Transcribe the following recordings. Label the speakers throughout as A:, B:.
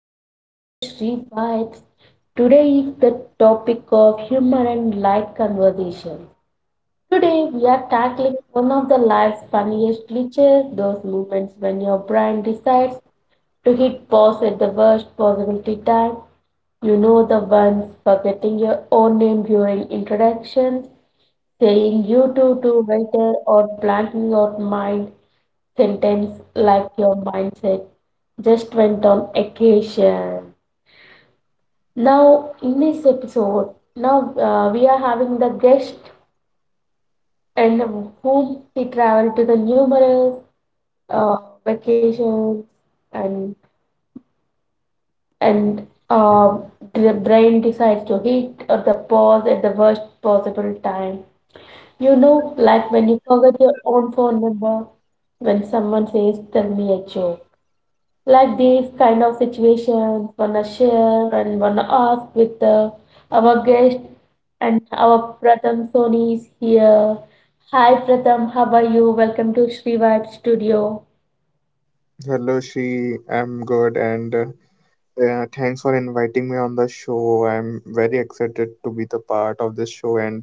A: to all to Sri Vibes. Today is the topic of humor and light conversation. Today we are tackling one of the life's funniest glitches, those moments when your brain decides to hit pause at the worst possibility time. You know the ones forgetting your own name during introductions, saying you two to waiter or planting your mind sentence like your mindset just went on occasion. Now, in this episode, now we are having the guest and whom he traveled to the numerous uh, vacations and and uh, the brain decides to hit or the pause at the worst possible time. You know, like when you forget your own phone number, when someone says, tell me a joke. Like these kind of situations, wanna share and wanna ask with our guest, and our Pratham Soni is here. Hi Pratham, how are you? Welcome to Sri Vibe Studio.
B: Hello, Shri. I'm good, and thanks for inviting me on the show. I'm very excited to be the part of this show, and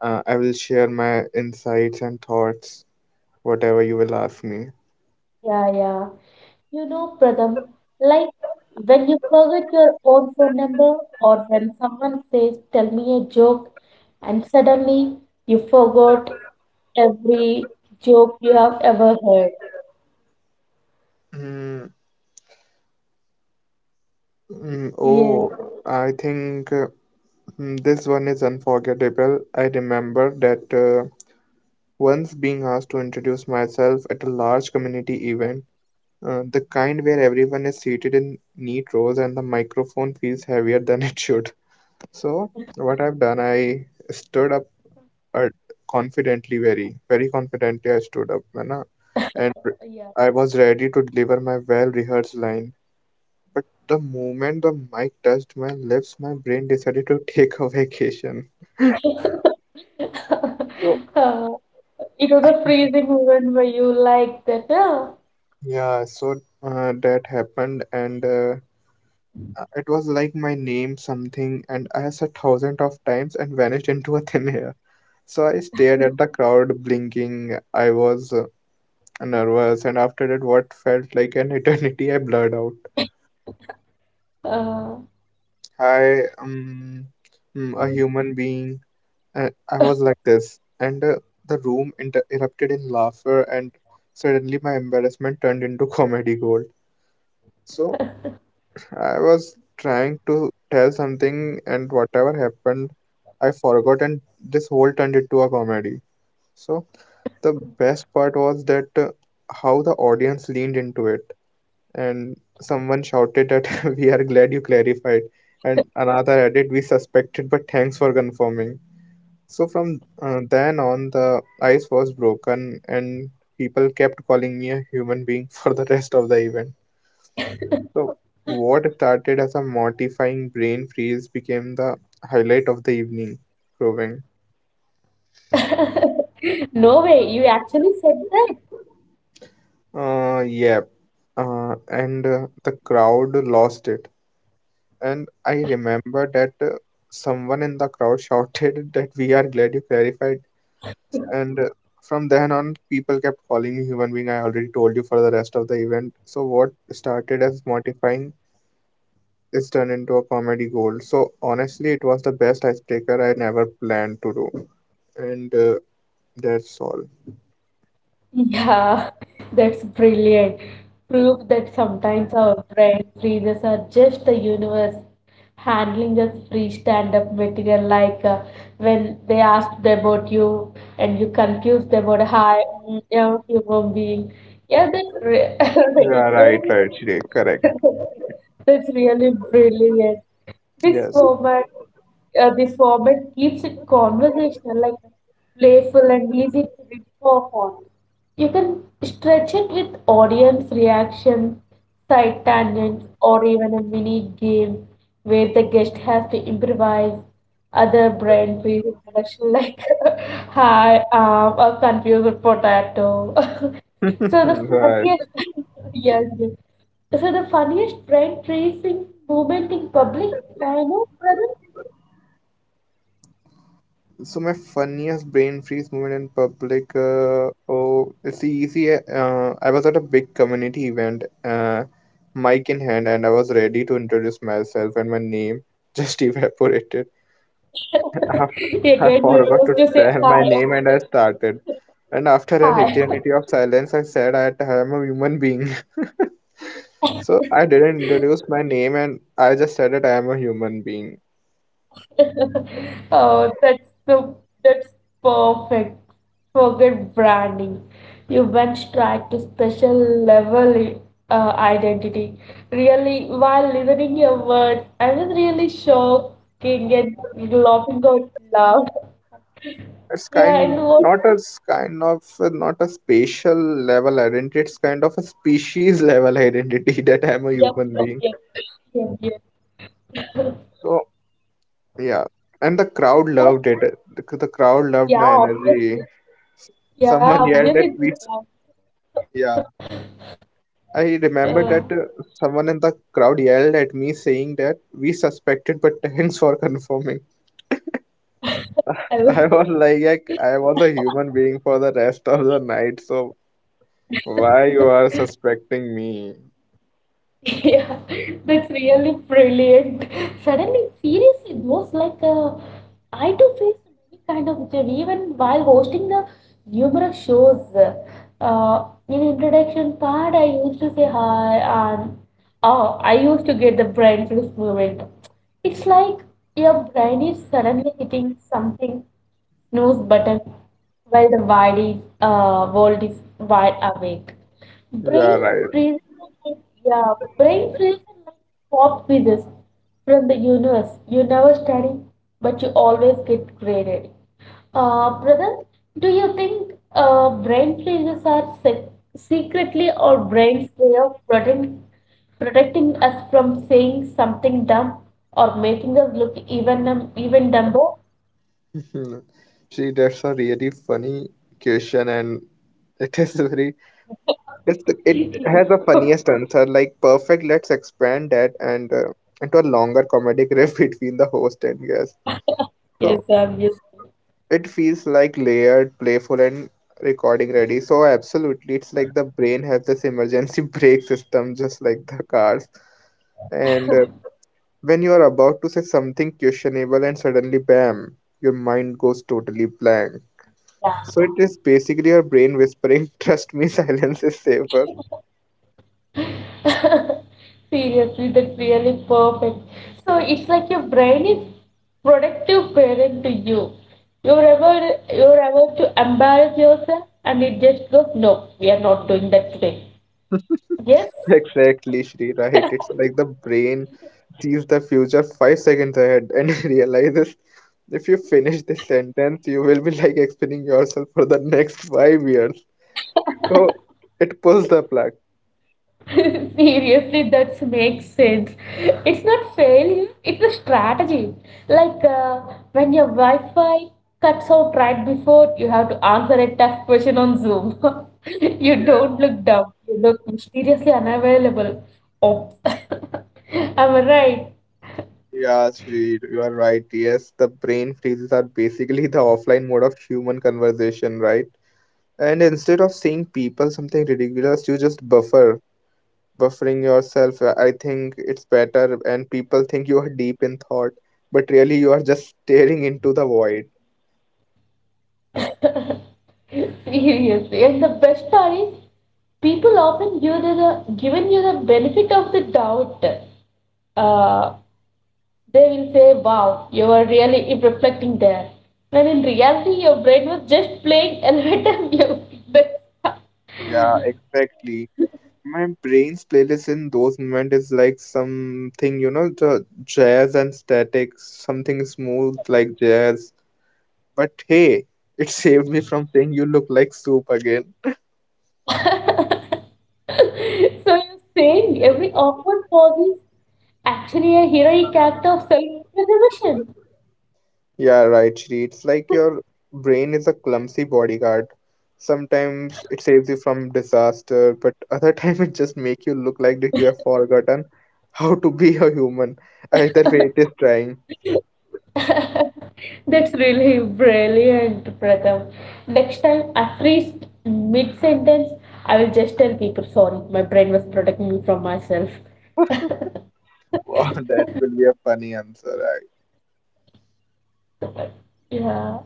B: I will share my insights and thoughts, whatever you will ask me.
A: Yeah, yeah. You know, Pradham, like when you forget your own phone number or when someone says, tell me a joke, and suddenly you forgot every joke you have ever heard.
B: Mm,
A: Yeah,
B: oh, I think this one is unforgettable. I remember that once being asked to introduce myself at a large community event, the kind where everyone is seated in neat rows and the microphone feels heavier than it should. So what I've done, I stood up uh, confidently, very, very confidently. I stood up, है ना, and re-
A: yeah.
B: I was ready to deliver my well-rehearsed line. But the moment the mic touched my lips, my brain decided to take a vacation. So
A: Uh, it was a freezing moment where you like that, huh?
B: yeah, so that happened, and it was like my name something, and I said thousands of times and vanished into a thin air. So I stared at the crowd blinking. I was nervous, and after that, what felt like an eternity, I blurred out,
A: Uh,
B: "Hi, a human being." And I was like this, and the erupted in laughter, and suddenly my embarrassment turned into comedy gold. So I was trying to tell something, and whatever happened, I forgot, and this whole turned into a comedy. So the best part was that how the audience leaned into it, and someone shouted that we are glad you clarified, and another added we suspected but thanks for confirming. So from then on, the ice was broken, and people kept calling me a human being for the rest of the event. So what started as a mortifying brain freeze became the highlight of the evening, proving
A: no way, you actually said.
B: yeah, and the crowd lost it. And I remember that someone in the crowd shouted that we are glad you clarified. And from then on, people kept calling me human being. I already told you for the rest of the event. So, what started as mortifying is turned into a comedy gold. So, honestly, it was the best icebreaker I never planned to do. And that's all.
A: Yeah, that's brilliant. Proof that sometimes our brain freezes are just the universe handling us free stand-up material, like when they asked about you and you confused about, hi, mm, yeah, human being. Yeah, that's re
B: Yeah, right,
A: ridiculous.
B: right, Shrey. Correct.
A: That's really brilliant. This
B: Yes.
A: format, the format keeps it conversational, like playful and easy to reform on. You can stretch it with audience reactions, side tangents, or even a mini game where the guest has to improvise other brain freeze introduction, like hi, a confused potato. So the
B: Right.
A: funniest. Yes, yes. So the funniest brain freezing moment in public, I know, brother.
B: So my funniest brain freeze moment in public. Oh, it's easy. I was at a big community event, mic in hand, and I was ready to introduce myself, and my name just evaporated. I, I
A: Again, you
B: forgot to
A: used to say
B: tell my name, and
A: hi,
B: I started. And after an
A: hi.
B: eternity of silence, I said, " I am a human being." So I didn't introduce my name, and I just said that I am a human being.
A: Oh, that's the that's perfect. Forget branding. You went straight to special level, identity. Really, while listening your words, I was really shocking and laughing out loud.
B: It's
A: Yeah,
B: kind
A: and what?
B: not as kind of not a spatial level identity. It's kind of a species level identity that I'm a
A: Yep,
B: human
A: yep,
B: being.
A: yep, yep, yep.
B: So yeah, and the crowd
A: What?
B: loved it. The crowd loved
A: Yeah,
B: my energy.
A: obviously.
B: S-
A: Yeah,
B: Someone yelled at
A: obviously,
B: me.
A: it's a laugh.
B: Yeah, I remember
A: Uh,
B: that someone in the crowd yelled at me saying that we suspected, but thanks for confirming.
A: I was.
B: I was like I was a human being for the rest of the night, so why you are suspecting me?
A: Yeah, that's really brilliant. Suddenly, seriously, those like I do face many kind of job even while hosting the numerous shows. In introduction part, I used to say hi, and oh, I used to get the brain freeze moment. It's like your brain is suddenly hitting something snooze button while the world is wide awake.
B: Yeah,
A: Brain
B: right.
A: freezes Yeah, brain feels like pop quizzes from the universe. You never study, but you always get graded. Brother, do you think brain freezes are secretly our brain's way of protecting us from saying something dumb or making us look even dumber?
B: See, that's a really funny question, and it is very it's it has a funniest answer. Like perfect. Let's expand that and into a longer comedic riff between the host and guest.
A: Yes,
B: So
A: obviously.
B: it feels like layered, playful, and recording ready. So absolutely, it's like the brain has this emergency brake system, just like the cars. And when you are about to say something questionable, and suddenly, bam, your mind goes totally blank. So it is basically your brain whispering, trust me, silence is safer.
A: Seriously, that's really perfect. So it's like your brain is productive parent to you. You're ever you're ever to embarrass yourself, and it just goes, no, we are not doing that today. Yes?
B: Exactly, Shri, right? It's like the brain sees the future 5 seconds ahead and realizes if you finish this sentence, you will be like explaining yourself for the next 5 years. So it pulls the plug.
A: Seriously, that makes sense. It's not failure, it's a strategy. Like when your Wi Fi cuts out right before you have to answer a tough question on Zoom. You
B: Yes.
A: don't look dumb, you look mysteriously unavailable. Oops. Am I right?
B: Yeah, Shri, you are right. Yes, the brain freezes are basically the offline mode of human conversation, right? And instead of saying people something ridiculous, you just buffer. Buffering yourself. I think it's better, and people think you are deep in thought, but really you are just staring into the void.
A: Seriously. And the best part is, people often given you the benefit of the doubt uh, They will say, wow, you are really reflecting there. When in reality, your brain was just playing elevator music. That's-
B: Yeah, exactly. My brain's playlist in those moments is like something, you know, the jazz and static, something smooth like jazz. But hey, it saved me from saying you look like soup again.
A: so you're saying every awkward pause is actually a heroic act of self-preservation.
B: Yeah, right, Shri. It's like your brain is a clumsy bodyguard. Sometimes it saves you from disaster, but other time it just make you look like that you have forgotten how to be a human. Either way, it is trying.
A: That's really brilliant, Pratham. Next time I freeze mid-sentence, I will just tell people, sorry, my brain was protecting me from myself.
B: Wow, that will be a funny answer. Right?
A: Yeah,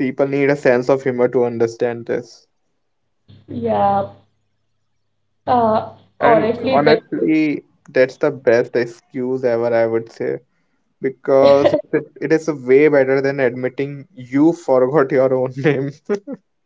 B: People need a sense of humor to understand this.
A: yeah. Uh,
B: And
A: Honestly, that
B: honestly, that's the best excuse ever, I would say, because it is way better than admitting you forgot your own name.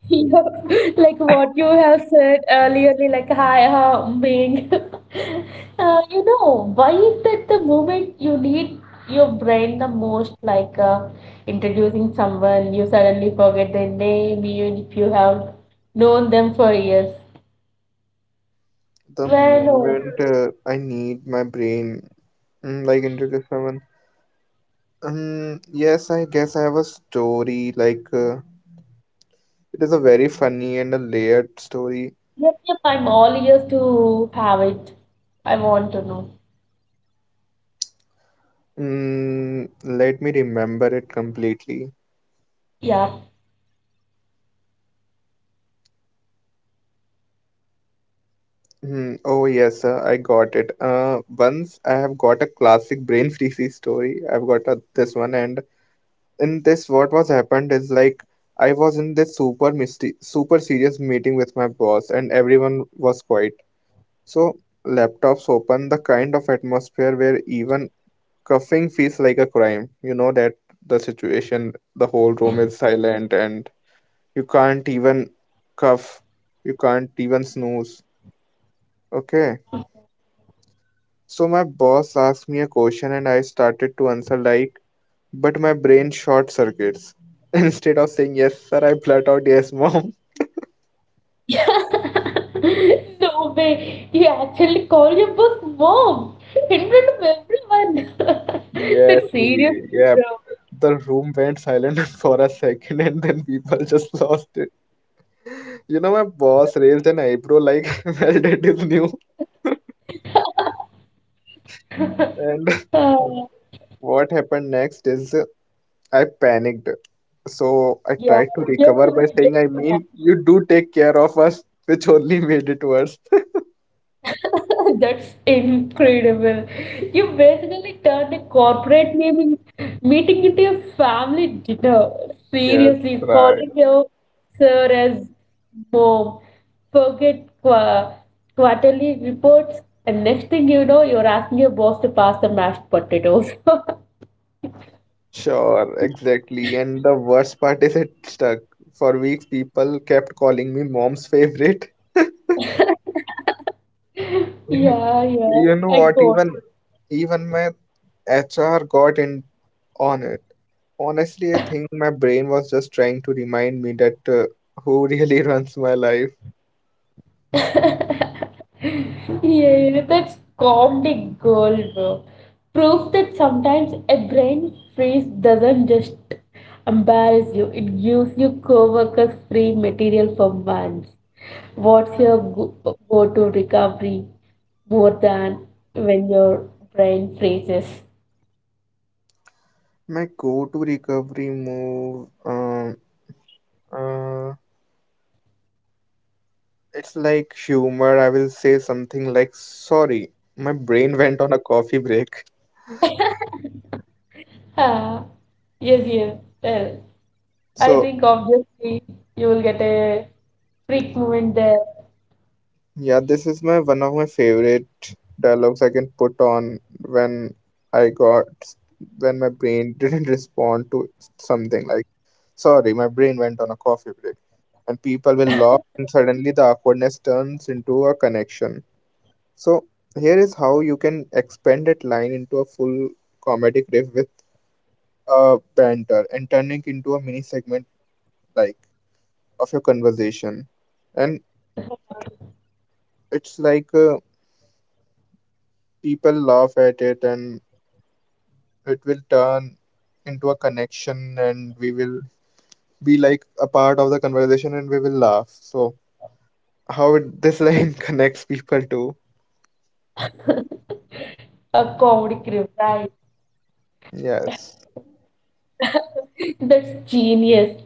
A: yeah, like what you have said earlier, like hi, how I'm being. Why is that the moment you need your brain the most? Like introducing someone, you suddenly forget their name, even if you have known them for years.
B: The
A: Well, no.
B: moment I need my brain, like introduce someone. Yes, I guess I have a story. Like it is a very funny and a layered story.
A: Yep, yep, I'm all ears to have it. I want to know.
B: Mm, let me remember it completely.
A: Yeah,
B: Mm, oh yes, sir, I got it. Once I have got a classic brain freeze story. I've got a, this one, and in this what was happened is like I was in this super misty super serious meeting with my boss and everyone was quiet. So laptops open, the kind of atmosphere where even coughing feels like a crime, you know that, the situation, the whole room is silent and you can't even cuff. You can't even snooze, okay. So my boss asked me a question and I started to answer like, but my brain short circuits. Instead of saying yes, sir, I blurt out yes, mom.
A: no way. You actually call your boss mom in front of everyone.
B: Yeah,
A: That's serious,
B: three. Yeah.
A: bro.
B: The room went silent for a second and then people just lost it. You know, my boss raised an eyebrow like, well, that is new. And
A: Uh,
B: what happened next is I panicked. So I
A: yeah,
B: tried to
A: yes, he
B: recover by
A: will get
B: saying, I mean, you do take care of us, which only made it worse.
A: That's incredible. You basically turned a corporate meeting into a family dinner.
B: Yes,
A: Seriously,
B: right.
A: calling your sir as mom. Forget quarterly reports, and next thing you know, you're asking your boss to pass the mashed potatoes.
B: Sure, exactly. And the worst part is it stuck. For weeks, people kept calling me mom's favorite.
A: Yeah, yeah,
B: You know
A: I
B: what?
A: got
B: Even my HR got in on it. Honestly, I think my brain was just trying to remind me that who really runs my life.
A: yeah, that's comedy gold, bro. Proof that sometimes a brain freeze doesn't just embarrass you, it gives you coworkers free material for months. What's your go-to recovery more than when your brain freezes?
B: My go-to recovery move, uh, it's like humor. I will say something like, "Sorry, my brain went on a coffee break."
A: Ah, yes, yes. Well, I
B: So
A: think obviously you will get a freak moment there,
B: yeah, this is my one of my favorite dialogues I can put on when I got when my brain didn't respond to something like, sorry, my brain went on a coffee break. And people will laugh, and suddenly the awkwardness turns into a connection. So here is how you can expand that line into a full comedic riff with a banter and turning into a mini segment like of your conversation. And it's like people laugh at it and it will turn into a connection and we will be like a part of the conversation and we will laugh. So, this line connects people to
A: a comedy crew, right?
B: yes,
A: That's genius.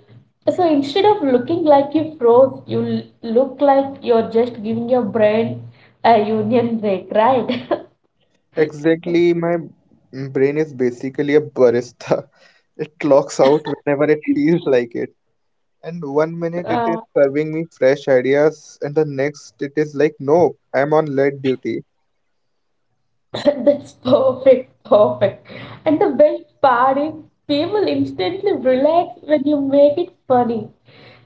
A: So instead of looking like you froze, you look like you're just giving your brain a union break, right?
B: exactly. My brain is basically a barista. It clocks out whenever it feels like it. And one minute it
A: Uh,
B: is serving me fresh ideas, and the next it is like, nope, I'm on lead duty.
A: that's perfect, perfect. And the best part is people instantly relax when you make it funny.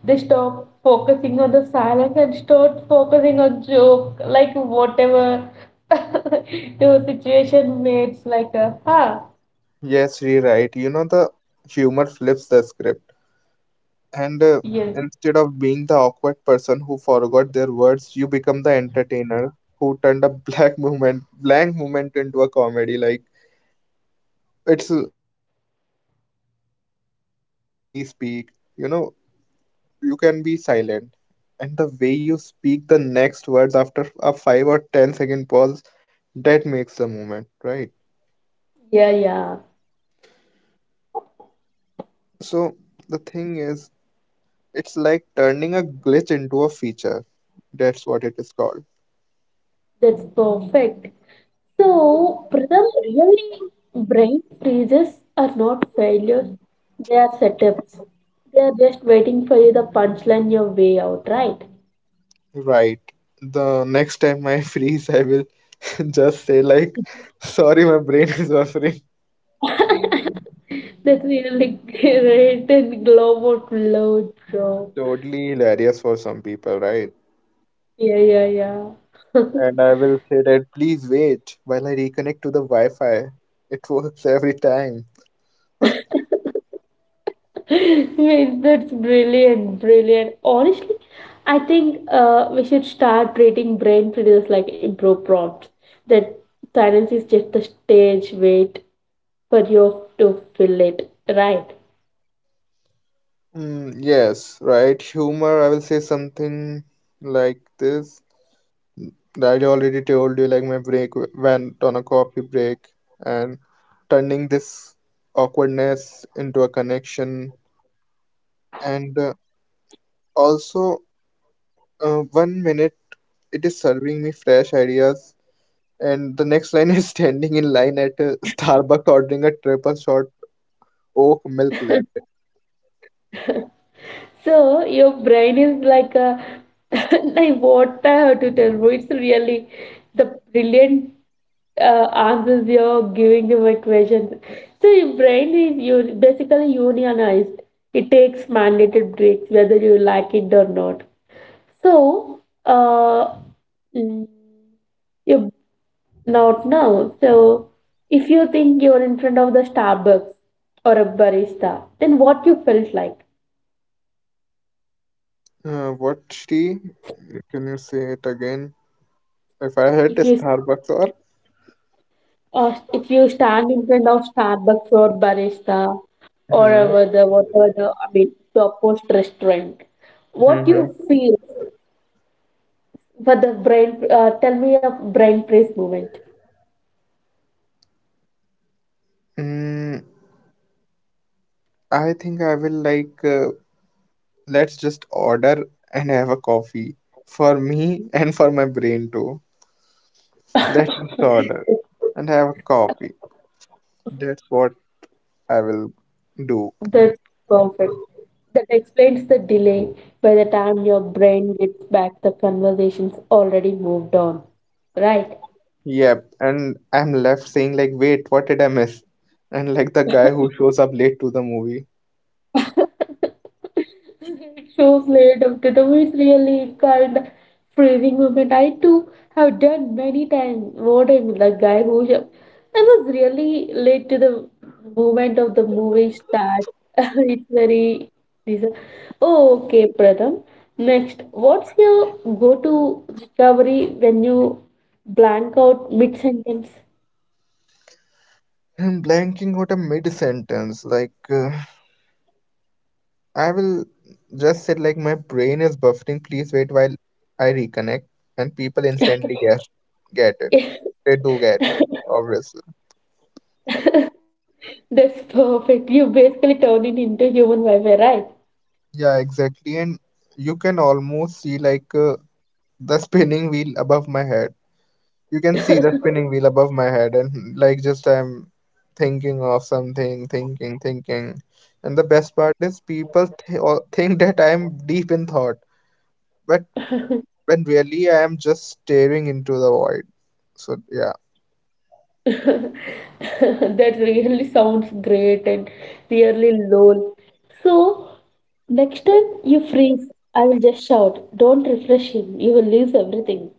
A: They stop focusing on the silence and start focusing on joke, like whatever your situation makes like a huh.
B: Yes, rewrite. You know, the humor flips the script. And
A: Yes.
B: instead of being the awkward person who forgot their words, you become the entertainer who turned a black moment, blank moment into a comedy. Like it's the way that we speak. You know, you can be silent, and the way you speak the next words after a five or ten second pause, that makes the moment, right?
A: Yeah, yeah.
B: So the thing is, it's like turning a glitch into a feature. That's what it is called.
A: That's perfect. So, Pratham, really, brain freezes are not failures, they are setups. They are just waiting for you the punchline your way out, right?
B: Right. The next time I freeze, I will just say like, "Sorry, my brain is buffering."
A: That's really great and global load, bro.
B: Totally hilarious for some people, right?
A: Yeah, yeah, yeah.
B: And I will say that please wait while I reconnect to the Wi-Fi. It works every time.
A: Means that's brilliant, brilliant. Honestly, I think we should start treating brain freezes like improv prompts. That silence is just the stage wait for you to fill it, right.
B: Mm, yes, right. Humor, I will say something like this. I already told you, like my went on a coffee break, and turning this awkwardness into a connection. And Also, 1 minute it is serving me fresh ideas, and the next line is standing in line at Starbucks ordering a triple shot oak milk latte.
A: So your brain is like a like what I have to tell you, it's really the brilliant answers you're giving to my questions. So your brain is you basically unionized. It takes mandated breaks whether you like it or not. So uh mm, your Not now. So, if you think you're in front of the Starbucks or a barista, then what you felt like?
B: What tea, can you say it again? If I had
A: If
B: a
A: you
B: Starbucks or…
A: if you stand in front of Starbucks or barista, or
B: Hmm.
A: over the whatever the, I mean, the post restaurant, what you
B: hmm
A: feel for the brain? Tell me a brain freeze moment.
B: mm, I think I will like, let's just order and have a coffee for me and for my brain too. Let's just order and have a coffee. That's what I will do.
A: That's perfect. That explains the delay. By the time your brain gets back, the conversation's already moved on, right?
B: Yep, and I'm left saying like, wait, what did I miss? And like the guy who shows up late to the movie.
A: Shows later that was really kind freezing moment. I too have done many times, voting with the guy who sh- I was really late to the moment of the movie start. It's very this. Oh, okay, Pratham. Next, what's your go-to recovery when you blank out mid-sentence?
B: I'm blanking out a mid-sentence. Like, I will just said like my brain is buffering. Please wait while I reconnect. And people instantly guess, get it. They do get it, obviously.
A: That's perfect. You basically turn it into human Wi-Fi, right?
B: Yeah, exactly. And you can almost see like, the spinning wheel above my head. You can see the spinning wheel above my head, and like just I'm thinking of something, thinking, and the best part is people all think that I'm deep in thought, but when really I am just staring into the void. So yeah.
A: That really sounds great and really lol. So next time you freeze, I will just shout, don't refresh him, you will lose everything.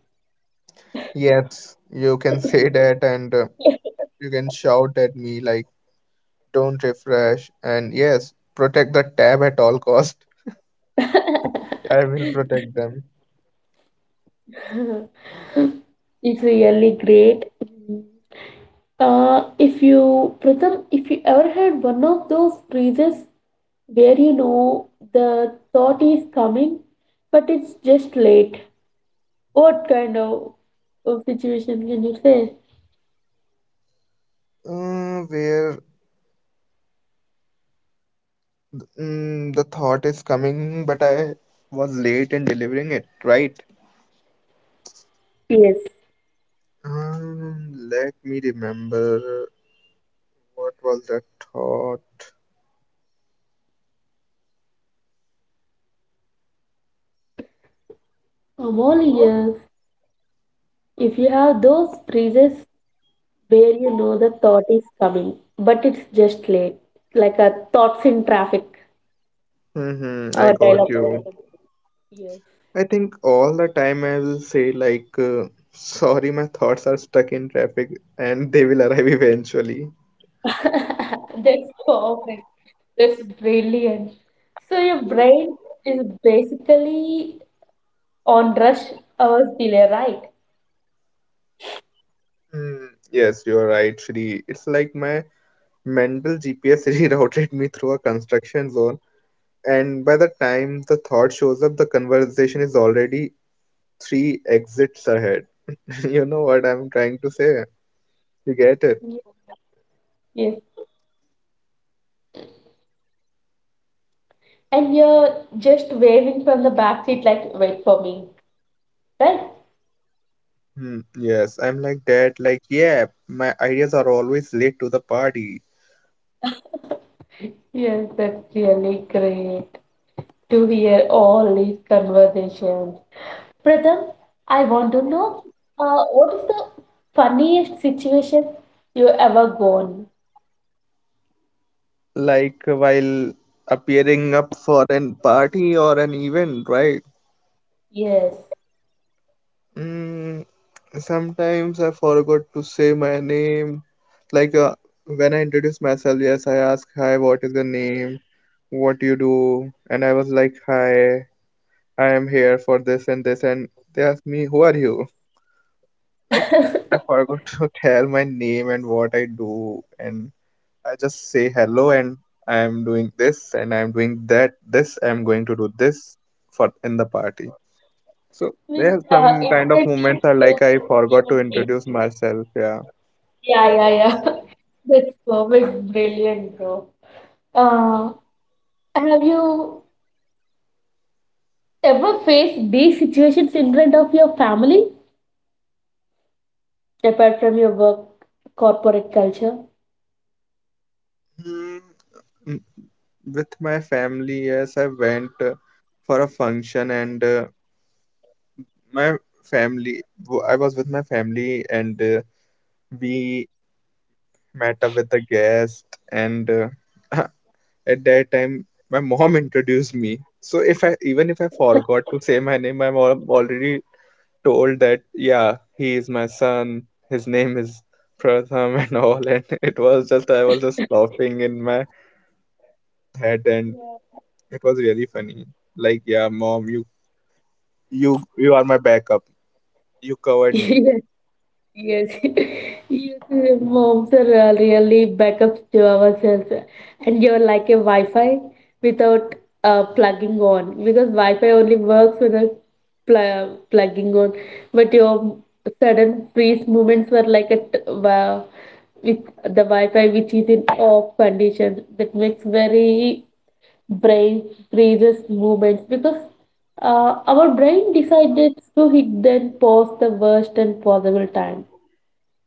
B: Yes, you can say that, and you can shout at me like, don't refresh, and yes, protect the tab at all cost. I will protect them.
A: It's really great. Mm. If you, Pratham, if you ever had one of those freezes where you know the thought is coming, but it's just late, what kind of situation can you say?
B: Where Mm, the thought is coming, but I was late in delivering it, right?
A: Yes.
B: Let me remember. What was that thought?
A: I'm all ears. If you have those freezes where you know the thought is coming, but it's just late, like a thoughts in traffic,
B: Hmm, I
A: our
B: got
A: dialogue
B: you.
A: person. Yes.
B: I think all the time I will say, like, sorry, my thoughts are stuck in traffic, and they will arrive eventually.
A: That's perfect. That's brilliant. So your brain is basically on rush hours delay, right?
B: Mm, yes, you are right, Shri. It's like my mental GPS rerouted me through a construction zone, and by the time the thought shows up, the conversation is already three exits ahead. You know what I'm trying to say? You get it?
A: Yes. Yes. And you're just waving from the back seat like, wait for me, right?
B: Hmm, yes, I'm like that. Like, yeah, my ideas are always late to the party.
A: Yes, that's really great to hear all these conversations. Pratham, I want to know, what is the funniest situation you ever gone?
B: Like, while appearing up for an party or an event, right?
A: Yes.
B: Mm, sometimes I forgot to say my name. Like, when I introduce myself, yes, I ask, hi, what is your name? What do you do? And I was like, hi, I am here for this and this. And they asked me, who are you? Like, I forgot to tell my name and what I do, and I just say hello, and I am doing this and I am doing that. This I am going to do this for in the party. So there
A: Means
B: are some kind of
A: instantly
B: moments are like
A: forget
B: I forgot
A: your
B: to
A: name.
B: introduce myself. Yeah.
A: Yeah, yeah, yeah. That's perfect, brilliant, bro. Uh, have you ever faced these situations in front of your family, apart from your work, corporate culture?
B: Hmm. mm, With my family, yes, I went for a function, and my I was with my family, and we met up with the guest and… Uh, at that time, my mom introduced me. So if I, even if I forgot to say my name, my mom already told that, yeah, he is my son, his name is Pratham, and all. And it was just, I was just laughing in my head, and it was really funny. Like, yeah, mom, you you are my backup, you covered me.
A: Yes. Yes, yes, moms are really backups to ourselves, and you're like a Wi-Fi without plugging on, because Wi-Fi only works with a plugging on. But your sudden freeze movements were like a with the Wi-Fi, which is in off condition, that makes very brain freezes movements, because our brain decided to hit then pause the worst and possible time,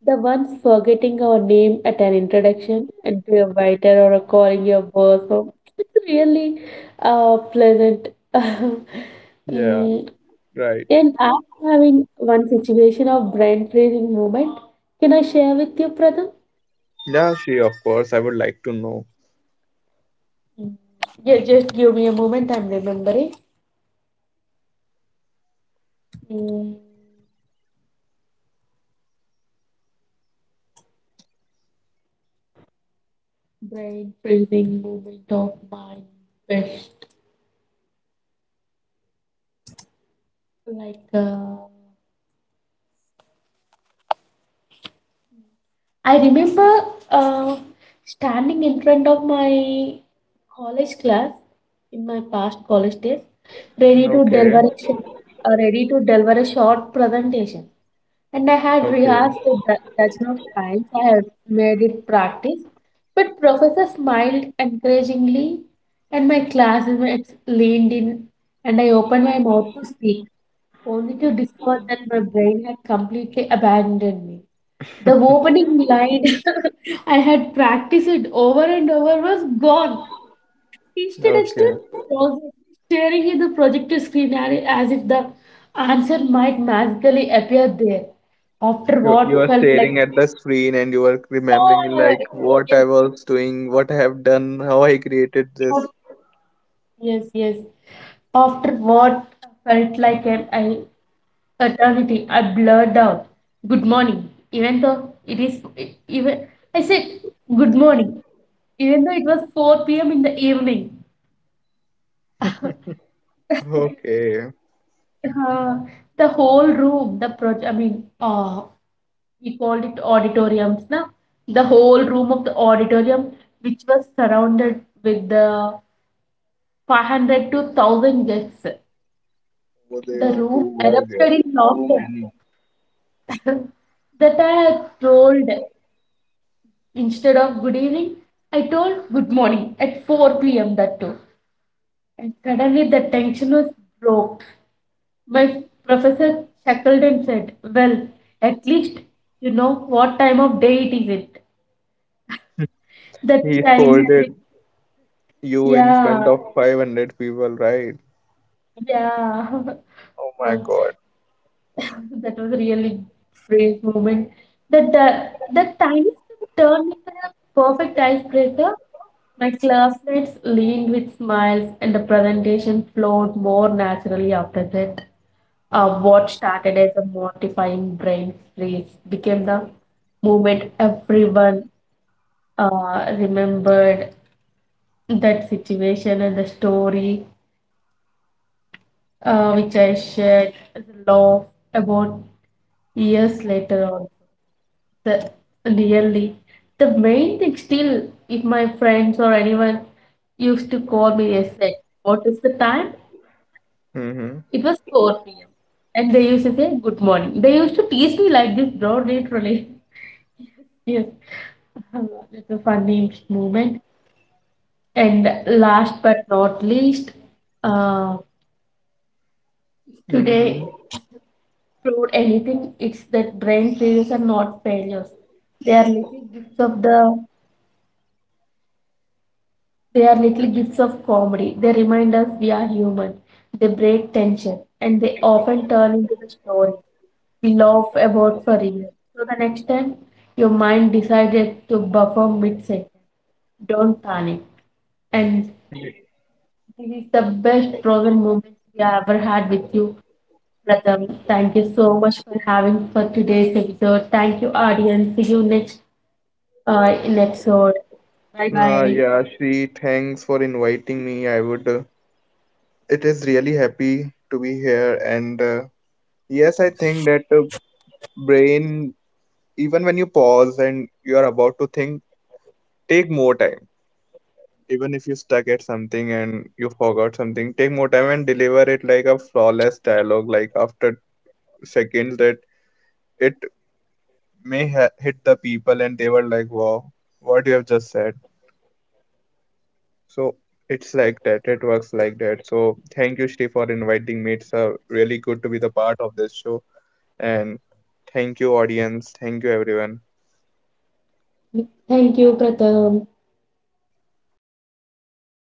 A: the ones forgetting our name at an introduction and to a waiter or a calling your boss. Or, it's really pleasant.
B: Yeah,
A: Mm,
B: right.
A: and I'm having one situation of brain freezing moment. Can I share with you, Pratham?
B: Yeah, she, of course, I would like to know.
A: Mm, Yeah, just give me a moment. I'm remembering. Mm, Brain freezing moment of mine. Best like I remember uh, standing in front of my college class in my past college days, ready to
B: Okay.
A: deliver a, sh- ready to deliver a short presentation. And I had
B: Okay.
A: rehearsed a dozen of times. I had made it practice, but professor smiled encouragingly, and my classmates leaned in, and I opened my mouth to speak, only to discover that my brain had completely abandoned me. The opening line I had practiced it over and over was gone. Instead, I stood
B: Okay.
A: frozen, staring at the projector screen as if the answer might magically appear there. After
B: You
A: what
B: are
A: felt like,
B: staring at the screen and you are remembering
A: Yeah,
B: like what
A: yes,
B: I was doing, what I have done, how I created
A: yes,
B: this.
A: yes, yes. After what felt like an I. eternity, I blurred out, "Good morning," even though it is e- even. I said, "Good morning," even though it was 4 p.m. in the evening.
B: Okay.
A: Uh, the whole room, the project. I mean, we called it auditoriums now. The whole room of the auditorium, which was surrounded with the 500 to 1,000 guests.
B: But they
A: The
B: were
A: room
B: too were there.
A: erupted in
B: Too
A: laughter
B: many.
A: that I had trolled. Instead of good evening, I told good morning at 4 p.m., that too. And suddenly the tension was broke. My professor chuckled and said, well, at least you know what time of day it is. It that
B: He
A: tiny flick.
B: scolded you in front
A: Yeah,
B: of 500 people, right?
A: yeah.
B: Oh my
A: Uh,
B: god.
A: That was really brave moment. That tiny step turned into a perfect icebreaker. My classmates leaned with smiles, and the presentation flowed more naturally after that. What started as a mortifying brain freeze became the moment everyone remembered that situation and the story, which I shared as a laugh about years later on. the really the main thing, still, if my friends or anyone used to call me, they said, what is the time?
B: Mm-hmm.
A: It was 4 p.m., and they used to say good morning. They used to tease me like this, bro, literally. Yes. It's a funny moment. And last but not least, uh,
B: Mm-hmm.
A: today proved anything, it's that brain failures are not failures, they are little gifts of the They are little gifts of comedy. They remind us we are human. They break tension and they often turn into the story we laugh about for real. So the next time your mind decided to buffer mid sentence, don't panic. And this is the best frozen moment we have ever had with you, Pratham. Thank you so much for having for today's episode. Thank you, audience. See you next in episode. Bye bye.
B: Yeah, Shri, thanks for inviting me. I would, it is really happy to be here, and yes, I think that, brain, even when you pause and you are about to think, take more time. Even if you stuck at something and you forgot something, take more time and deliver it like a flawless dialogue. Like, after seconds, that it hit the people, and they were like, wow, what you have just said. So it's like that, it works like that. So thank you, Shri, for inviting me. It's, really good to be the part of this show, and thank you, audience, thank you, everyone.
A: Thank you, Pratham.